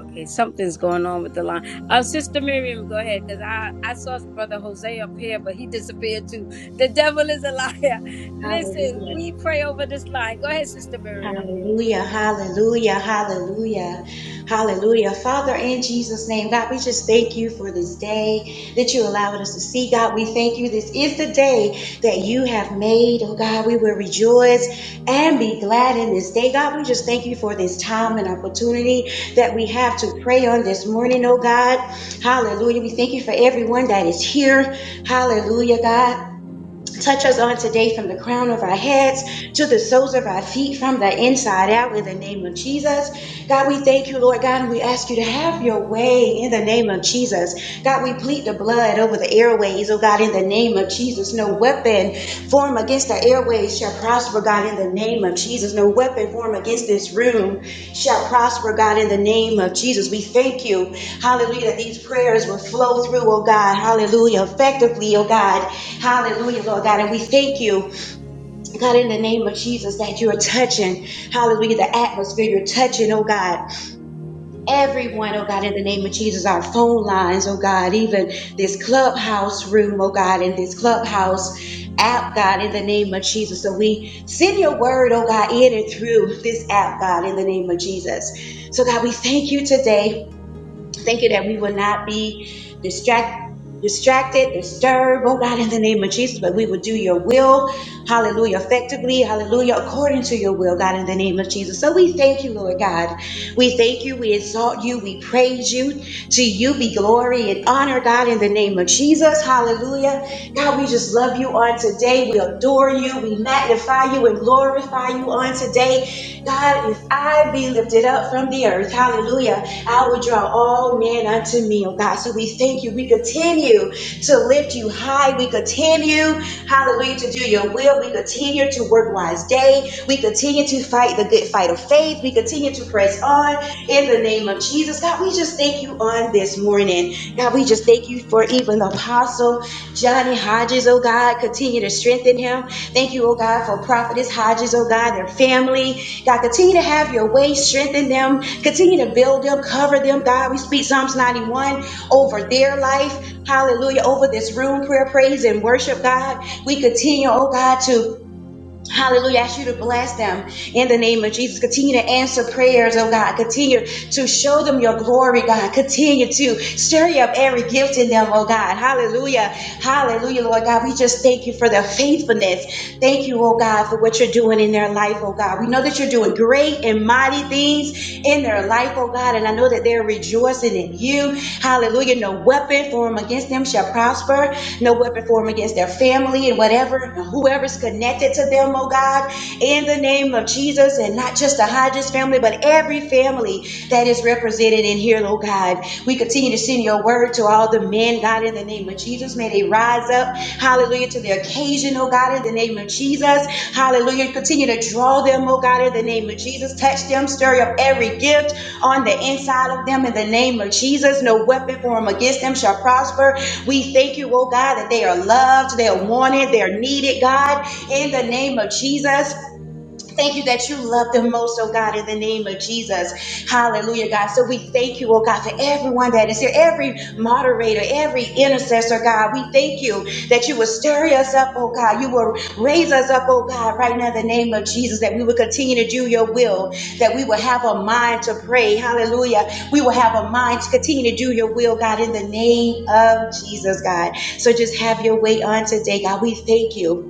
[SPEAKER 1] Okay, something's going on with the line. Um, Sister Miriam, go ahead, because I, I saw Brother Jose up here, but he disappeared too. The devil is a liar. Listen,
[SPEAKER 2] Hallelujah.
[SPEAKER 1] we pray over this line. Go ahead, Sister Miriam.
[SPEAKER 2] Hallelujah, hallelujah, hallelujah, hallelujah. Father, in Jesus' name, God, we just thank you for this day that you allowed us to see. God, we thank you. This is the day that you have made. Oh, God, we will rejoice and be glad in this day. God, we just thank you for this time and opportunity that we have to pray on this morning, oh, God. Hallelujah. We thank you for everyone that is here. Hallelujah, God. Touch us on today from the crown of our heads to the soles of our feet from the inside out in the name of Jesus. God, we thank you, Lord God, and we ask you to have your way in the name of Jesus. God, we plead the blood over the airways, oh God, in the name of Jesus. No weapon formed against the airways shall prosper, God, in the name of Jesus. No weapon formed against this room shall prosper, God, in the name of Jesus. We thank you, hallelujah, that these prayers will flow through, oh God, hallelujah, effectively, oh God, hallelujah, Lord God. And we thank you God, in the name of Jesus, that you are touching, hallelujah, the atmosphere, you're touching, oh God, everyone, oh God, in the name of Jesus, our phone lines, oh God, even this clubhouse room, oh God, and this clubhouse app, God, in the name of Jesus. So we send your word, oh God, in and through this app, God, in the name of Jesus. So God, we thank you today Thank you that we will not be distract, distracted, disturbed, oh God, in the name of Jesus, but we will do your will, hallelujah, effectively, hallelujah, according to your will, God, in the name of Jesus. So we thank you, Lord God. We thank you, we exalt you, we praise you. To you be glory and honor, God, in the name of Jesus, hallelujah. God, we just love you on today. We adore you, we magnify you and glorify you on today. God, if I be lifted up from the earth, hallelujah. I will draw all men unto me, oh God. So we thank you. We continue to lift you high. We continue, hallelujah, to do your will. We continue to work wise day. We continue to fight the good fight of faith. We continue to press on in the name of Jesus. God, we just thank you on this morning. God, we just thank you for even Apostle Johnny Hodges, oh God. Continue to strengthen him. Thank you, oh God, for Prophetess Hodges, oh God, their family. God, continue to have your way, strengthen them, Continue to build them, cover them, God. We speak Psalms 91 over their life. Hallelujah. Over this room, prayer, praise, and worship, God. We continue, oh God, to hallelujah, ask you to bless them in the name of Jesus. Continue to answer prayers, oh God. Continue to show them your glory, God. Continue to stir up every gift in them, oh God. Hallelujah. Hallelujah, Lord God. We just thank you for their faithfulness. Thank you, oh God, for what you're doing in their life, oh God. We know that you're doing great and mighty things in their life, oh God. And I know that they're rejoicing in you. Hallelujah. No weapon formed against them shall prosper. No weapon formed against their family and whatever, and whoever's connected to them, oh God, in the name of Jesus. And not just the Hodges family, but every family family that is represented in here, Lord God. We continue to send your word to all the men, God, in the name of Jesus. May they rise up, hallelujah, to the occasion, oh God, in the name of Jesus. Hallelujah. Continue to draw them, oh God, in the name of Jesus. Touch them, stir up every gift on the inside of them in the name of Jesus. No weapon formed against them shall prosper. We thank you, oh God, that they are loved, they are wanted, they are needed, God, in the name of Jesus. Thank you that you love them most, oh God, in the name of Jesus. Hallelujah, God. So we thank you, oh God, for everyone that is here, every moderator, every intercessor, God. We thank you that you will stir us up, oh God. You will raise us up, oh God, right now in the name of Jesus, that we will continue to do your will, that we will have a mind to pray. Hallelujah. We will have a mind to continue to do your will, God, in the name of Jesus, God. So just have your way on today, God. We thank you.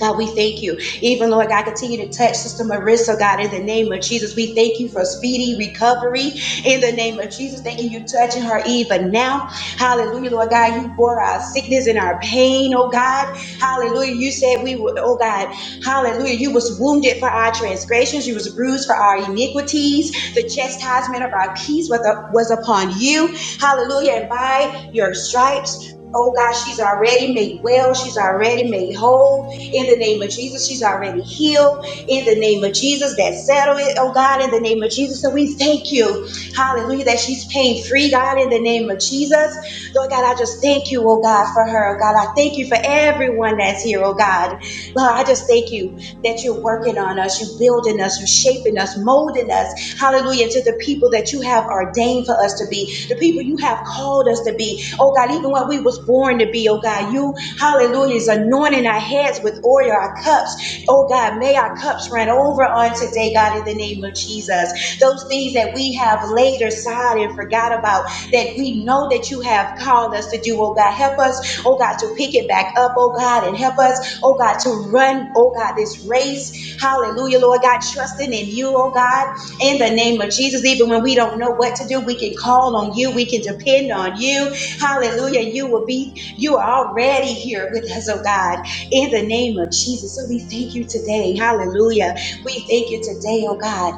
[SPEAKER 2] God, we thank you. Even Lord God, continue to touch Sister Marissa, God, in the name of Jesus. We thank you for speedy recovery in the name of Jesus. Thank you, you touching her even now. Hallelujah, Lord God. You bore our sickness and our pain, oh God. Hallelujah. You said we would, oh God, hallelujah. You was wounded for our transgressions. You was bruised for our iniquities. The chastisement of our peace was was upon you. Hallelujah. And by your stripes, Oh God, she's already made well. She's already made whole. In the name of Jesus, she's already healed. In the name of Jesus, that settle it, oh God, in the name of Jesus. So we thank you, hallelujah, that she's pain free, God, in the name of Jesus. Lord God, I just thank you, oh God, for her, oh God. I thank you for everyone that's here, oh God. Lord, I just thank you that you're working on us, you're building us, you're shaping us, molding us, hallelujah, to the people that you have ordained for us to be, the people you have called us to be. Oh God, even when we was born to be, oh God, you Hallelujah. Is anointing our heads with oil, our cups. Oh God, may our cups run over on today, God, in the name of Jesus. Those things that we have laid aside and forgot about that we know that you have called us to do, oh God. Help us, oh God, to pick it back up, oh God, and help us, oh God, to run, oh God, this race. Hallelujah, Lord God, trusting in you, oh God, in the name of Jesus. Even when we don't know what to do, we can call on you, we can depend on you. Hallelujah. You will be you are already here with us, oh God, in the name of Jesus. So we thank you today. Hallelujah. We thank you today, oh God.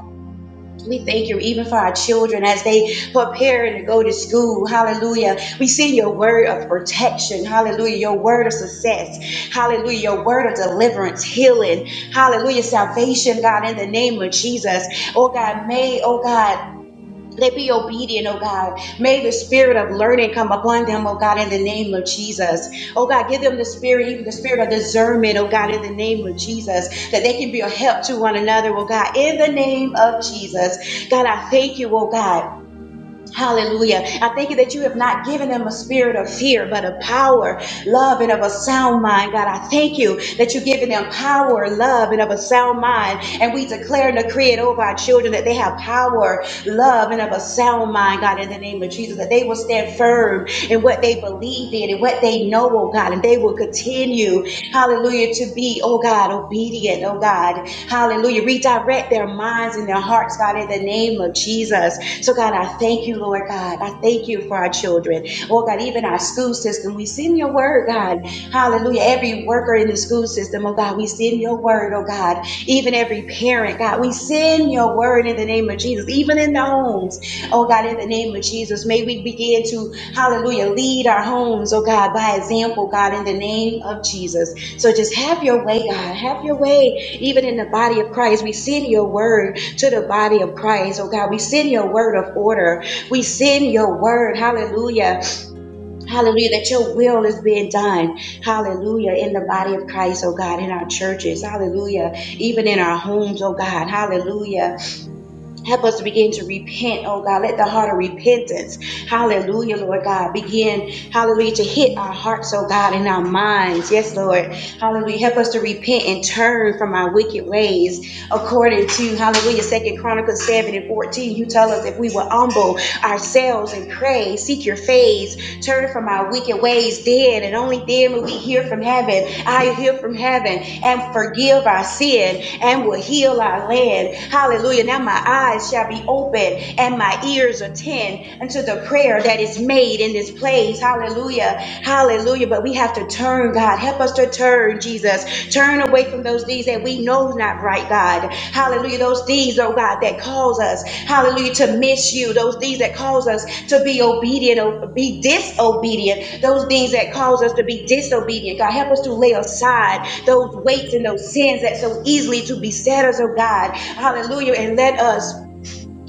[SPEAKER 2] We thank you even for our children as they preparing to go to school. Hallelujah. We send your word of protection. Hallelujah. Your word of success. Hallelujah. Your word of deliverance, healing. Hallelujah. Salvation, God, in the name of Jesus. Oh God, may, oh God, they be obedient, oh God. May the spirit of learning come upon them, oh God, in the name of Jesus. Oh God, give them the spirit, even the spirit of discernment, oh God, in the name of Jesus, that they can be a help to one another, oh God, in the name of Jesus. God, I thank you, oh God. Hallelujah. I thank you that you have not given them a spirit of fear, but of power, love, and of a sound mind. God, I thank you that you've given them power, love, and of a sound mind. And we declare and decree it over our children that they have power, love, and of a sound mind, God, in the name of Jesus, that they will stand firm and what they believe in and what they know, oh God. And they will continue, hallelujah, to be, oh God, obedient, oh God. Hallelujah. Redirect their minds and their hearts, God, in the name of Jesus. So, God, I thank you, Lord God. I thank you for our children. Oh God, even our school system, we see in your word, God. Hallelujah. Every worker in the school system, oh God, we send your word, oh God. Even every parent, God, we send your word in the name of Jesus, even in the homes. Oh God, in the name of Jesus, may we begin to, hallelujah, lead our homes, oh God, by example, God, in the name of Jesus. So just have your way, God. Have your way, even in the body of Christ. We send your word to the body of Christ, oh God. We send your word of order. We send your word, hallelujah. Hallelujah, that your will is being done. Hallelujah, in the body of Christ, oh God, in our churches. Hallelujah, even in our homes, oh God. Hallelujah. Help us to begin to repent, oh God. Let the heart of repentance, hallelujah, Lord God, begin, hallelujah, to hit our hearts, oh God, and our minds. Yes, Lord. Hallelujah. Help us to repent and turn from our wicked ways. According to, hallelujah, Second Chronicles 7 and 14, you tell us if we will humble ourselves and pray, seek your face, Turn from our wicked ways then, and only then will we hear from heaven. I hear from heaven and forgive our sin and will heal our land. Hallelujah. Now my eyes shall be open and my ears attend unto the prayer that is made in this place. Hallelujah. Hallelujah. But we have to turn, God. Help us to turn, Jesus. Turn away from those things that we know not right, God. Hallelujah. Those things, oh God, that cause us, hallelujah, to miss you. Those things that cause us to be obedient or be disobedient. Those things that cause us to be disobedient. God, help us to lay aside those weights and those sins that so easily to beset us, oh God. Hallelujah. And let us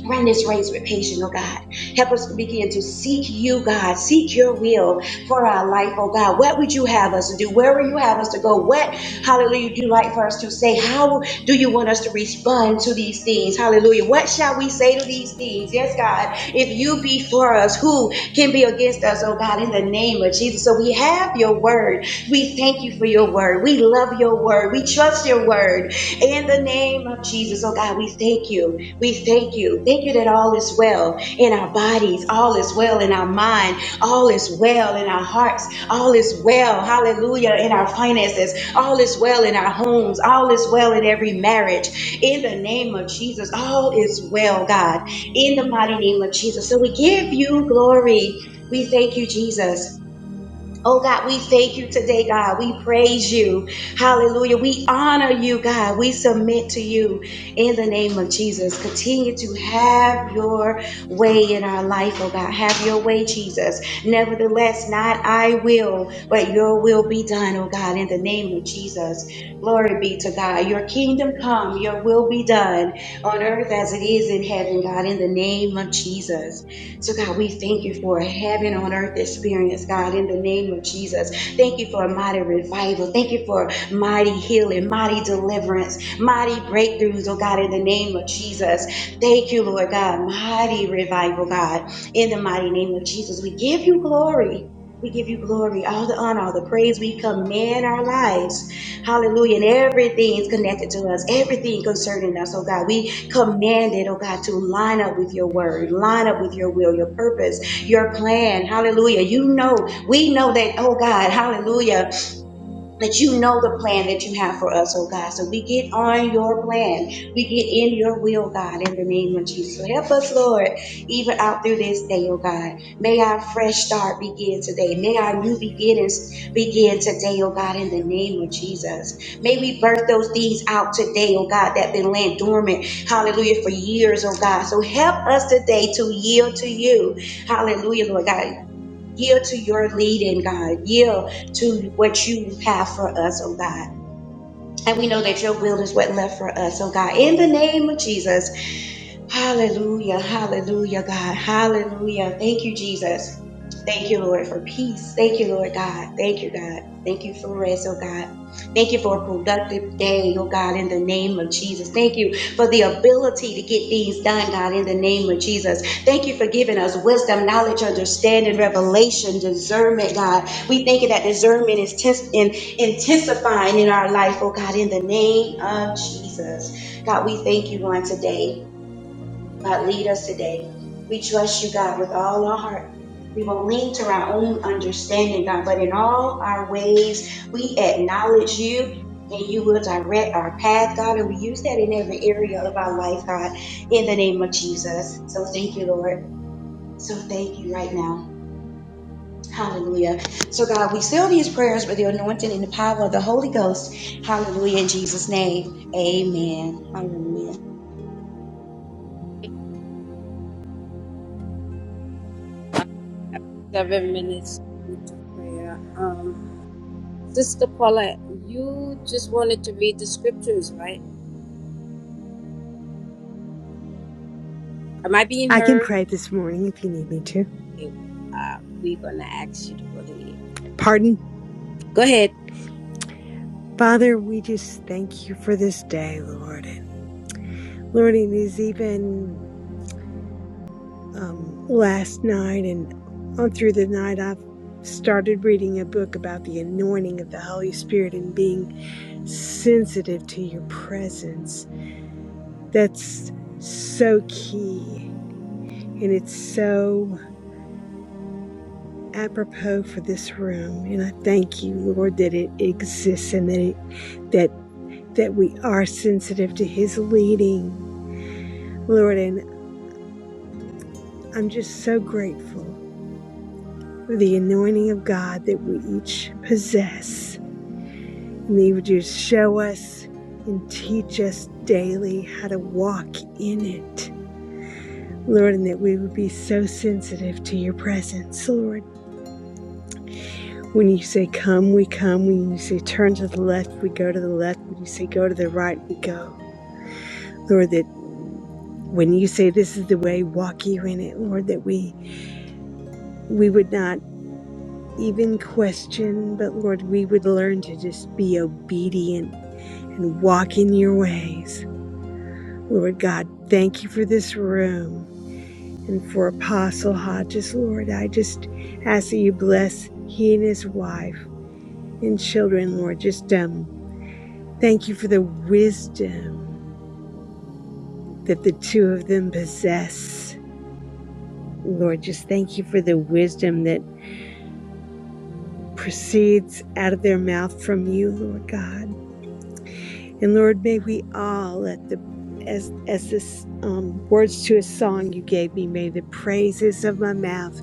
[SPEAKER 2] Run this race with patience, oh God. Help us to begin to seek you, God. Seek your will for our life, oh God. What would you have us to do? Where would you have us to go? What, hallelujah, do you like for us to say? How do you want us to respond to these things? Hallelujah. What shall we say to these things? Yes, God. If you be for us, who can be against us, oh God, in the name of Jesus? So we have your word. We thank you for your word. We love your word. We trust your word. In the name of Jesus, oh God, we thank you. We thank you. Thank you that all is well in our bodies, all is well in our mind, all is well in our hearts, all is well, hallelujah, in our finances, all is well in our homes, all is well in every marriage. In the name of Jesus, all is well, God, in the mighty name of Jesus. So we give you glory. We thank you, Jesus. Oh God, we thank you today, God. We praise you. Hallelujah. We honor you, God. We submit to you in the name of Jesus. Continue to have your way in our life, oh God. Have your way, Jesus. Nevertheless, not I will, but your will be done, oh God, in the name of Jesus. Glory be to God. Your kingdom come, your will be done on earth as it is in heaven, God, in the name of Jesus. So, God, we thank you for a heaven on earth experience, God, in the name of Jesus. Thank you for a mighty revival. Thank you for mighty healing, mighty deliverance, mighty breakthroughs, oh God, in the name of Jesus. Thank you, Lord God, mighty revival, God, in the mighty name of Jesus. We give you glory. We give you glory, all the honor, all the praise. We command our lives. Hallelujah. And everything is connected to us, everything concerning us. Oh God, we command it, oh God, to line up with your word, line up with your will, your purpose, your plan. Hallelujah. You know, we know that, oh God, hallelujah that you know the plan that you have for us, oh God. So we get on your plan. We get in your will, God, in the name of Jesus. So help us, Lord, even out through this day, oh God. May our fresh start begin today. May our new beginnings begin today, oh God, in the name of Jesus. May we birth those things out today, oh God, that been laying dormant, hallelujah, for years, oh God. So help us today to yield to you. Hallelujah, Lord God. Yield to your leading, God. Yield to what you have for us, oh God. And we know that your will is what left for us, oh God. In the name of Jesus. Hallelujah. Hallelujah, God. Hallelujah. Thank you, Jesus. Thank you, Lord, for peace. Thank you, Lord God. Thank you, God. Thank you for rest, oh God. Thank you for a productive day, oh God, in the name of Jesus. Thank you for the ability to get things done, God, in the name of Jesus. Thank you for giving us wisdom, knowledge, understanding, revelation, discernment, God. We thank you that discernment is tens- in- intensifying in our life, oh God, in the name of Jesus. God, we thank you on today. God, lead us today. We trust you, God, with all our heart. We won't lean to our own understanding, God, but in all our ways, we acknowledge you and you will direct our path, God. And we use that in every area of our life, God, in the name of Jesus. So thank you, Lord. So thank you right now. Hallelujah. So, God, we seal these prayers with the anointing and the power of the Holy Ghost. Hallelujah. In Jesus' name, amen. Hallelujah.
[SPEAKER 1] Seven minutes into prayer. Um, Sister Paula, you just wanted to read the scriptures, right? Am I being
[SPEAKER 5] I can
[SPEAKER 1] heard?
[SPEAKER 5] pray this morning if you need me to.
[SPEAKER 1] It- Uh, we're gonna ask you to go ahead.
[SPEAKER 5] Pardon?
[SPEAKER 1] Go ahead.
[SPEAKER 5] Father, we just thank you for this day, Lord. And Lord, it is even um, last night and on through the night, I've started reading a book about the anointing of the Holy Spirit and being sensitive to your presence. That's so key. And it's so apropos for this room. And I thank you, Lord, that it exists and that it, that that we are sensitive to his leading, Lord. And I'm just so grateful for the anointing of God that we each possess. And that you would just show us and teach us daily how to walk in it, Lord, and that we would be so sensitive to your presence, Lord. When you say come, we come. When you say turn to the left, we go to the left. When you say go to the right, we go. Lord, that when you say this is the way, walk you in it, Lord, that we we would not even question, but Lord, we would learn to just be obedient and walk in your ways. Lord God, thank you for this room and for Apostle Hodges. Lord, I just ask that you bless he and his wife and children, Lord. Just um, thank you for the wisdom that the two of them possess. Lord, just thank you for the wisdom that proceeds out of their mouth from you, Lord God. And Lord, may we all at the as as this um, words to a song you gave me, may the praises of my mouth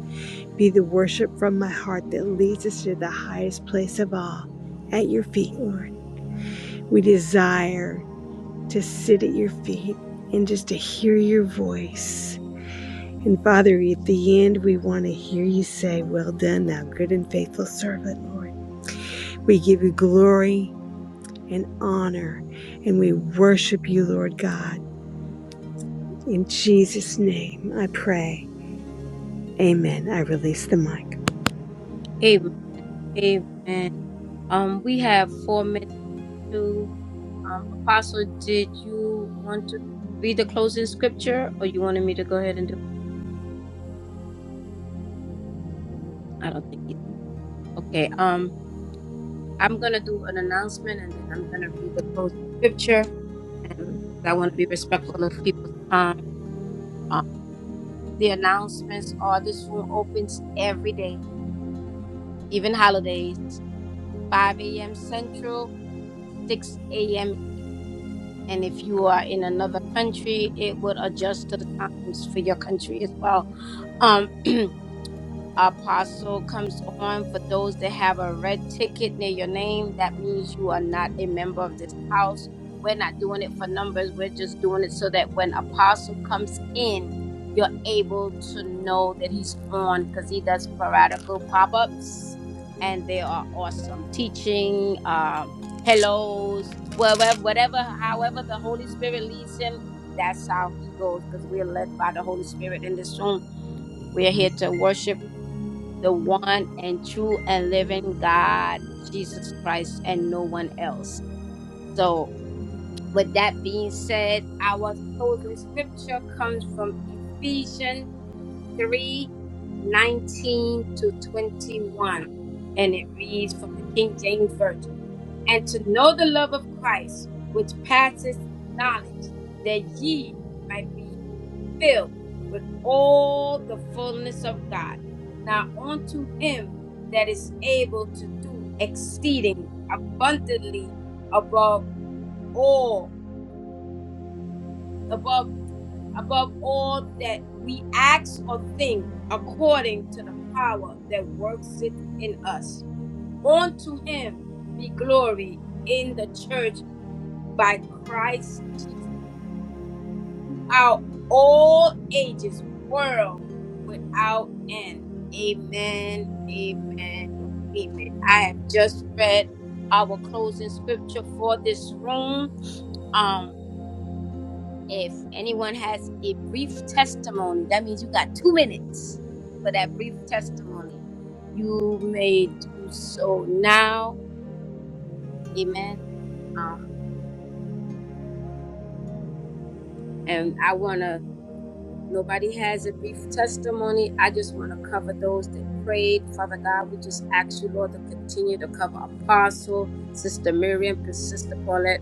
[SPEAKER 5] be the worship from my heart that leads us to the highest place of all, at your feet, Lord. We desire to sit at your feet and just to hear your voice. And Father, at the end, we want to hear you say, Well done, thou good and faithful servant, Lord. We give you glory and honor, and we worship you, Lord God. In Jesus' name I pray. Amen. I release the mic.
[SPEAKER 1] Amen. Amen. Um, we have four minutes Um, Apostle, did you want to read the closing scripture or you wanted me to go ahead and do it? I don't think either. Okay. Um, I'm going to do an announcement and then I'm going to read the closing scripture. And I want to be respectful of people's time. Um, the announcements are this room opens every day, even holidays, 5 a.m. Central, 6 a.m. And if you are in another country, it would adjust to the times for your country as well. Um, apostle comes on for those that have a red ticket near your name that means you are not a member of this house we're not doing it for numbers we're just doing it so that when apostle comes in you're able to know that he's on because he does sporadical pop-ups and they are awesome teaching um hellos whatever whatever however the holy spirit leads him that's how he goes because we're led by the holy spirit in this room we are here to worship the one and true and living God, Jesus Christ, and no one else. So, with that being said, our closing scripture comes from Ephesians 3, 19 to 21, and it reads from the King James Version And to know the love of Christ, which passes knowledge, that ye might be filled with all the fullness of God. Now unto him that is able to do exceeding abundantly above all, above above all that we ask or think according to the power that works it in us. Unto him be glory in the church by Christ Jesus out all ages, world without end. Amen. Amen. Amen. I have just read our closing scripture for this room. Um, if anyone has a brief testimony, that means you got two minutes for that brief testimony. You may do so now. Amen. Um, and I wanna If nobody has a brief testimony, I just want to cover those that prayed. Father God, we just ask you, Lord, to continue to cover Apostle, Sister Miriam, Sister Paulette.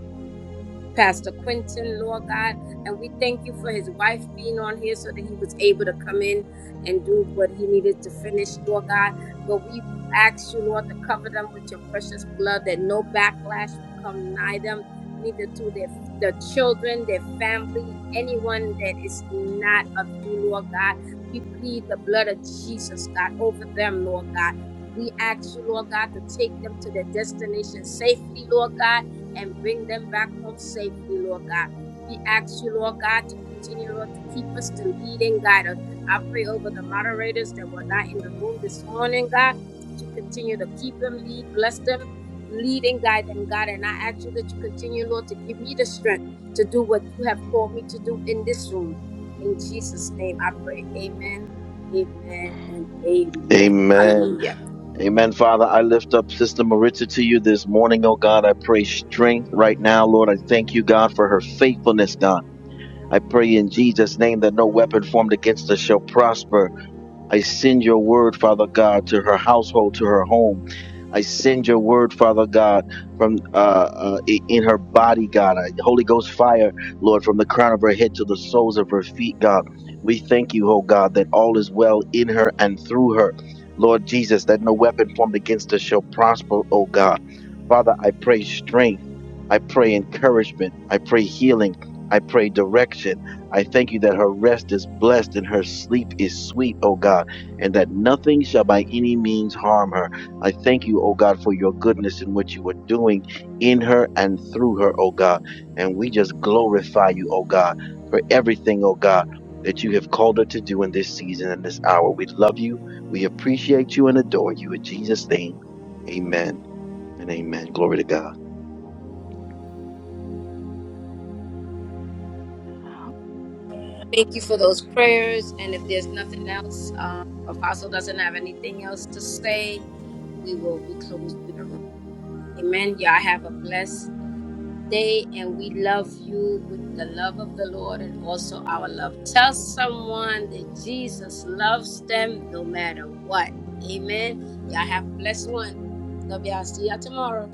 [SPEAKER 1] Pastor Quentin, Lord God. And we thank you for his wife being on here so that he was able to come in and do what he needed to finish, Lord God. But we ask you, Lord, to cover them with your precious blood, that no backlash will come nigh them, neither to their their children, their family, anyone that is not of you, Lord God. We plead the blood of Jesus, God, over them, Lord God. We ask you, Lord God, to take them to their destination safely, Lord God and bring them back home safely, Lord God. We ask you, Lord God, to continue, Lord, to keep us, to lead and guide us. I pray over the moderators that were not in the room this morning, God, that you continue to keep them, lead, bless them, lead and guide them, God. And I ask you that you continue, Lord, to give me the strength to do what you have called me to do in this room. In Jesus' name I pray. Amen, amen, and amen.
[SPEAKER 6] Amen.
[SPEAKER 1] Hallelujah.
[SPEAKER 6] Amen, Father. I lift up Sister Maritza to you this morning, oh God. I pray strength right now, Lord. I thank you, God, for her faithfulness, God. I pray in Jesus' name that no weapon formed against us shall prosper. I send your word, Father God, to her household, to her home. I send your word, Father God, from uh, uh, i- in her body, God. I, Holy Ghost fire, Lord, from the crown of her head to the soles of her feet, God. We thank you, oh God, that all is well in her and through her. Lord Jesus, that no weapon formed against us shall prosper, oh God. Father, I pray strength. I pray encouragement. I pray healing. I pray direction. I thank you that her rest is blessed and her sleep is sweet, O God, and that nothing shall by any means harm her. I thank you, O God, for your goodness in what you are doing in her and through her, O God. And we just glorify you, O God, for everything, O God, that you have called her to do in this season and this hour. We love you. We appreciate you and adore you. In Jesus' name, amen and amen. Glory to God.
[SPEAKER 1] Thank you for those prayers. And if there's nothing else, um, Apostle doesn't have anything else to say, we will be closing the room. Amen. Y'all have a blessed day, and we love you with the love of the Lord and also our love. Tell someone that Jesus loves them no matter what. Amen. Y'all have a blessed one. Love y'all. See y'all tomorrow.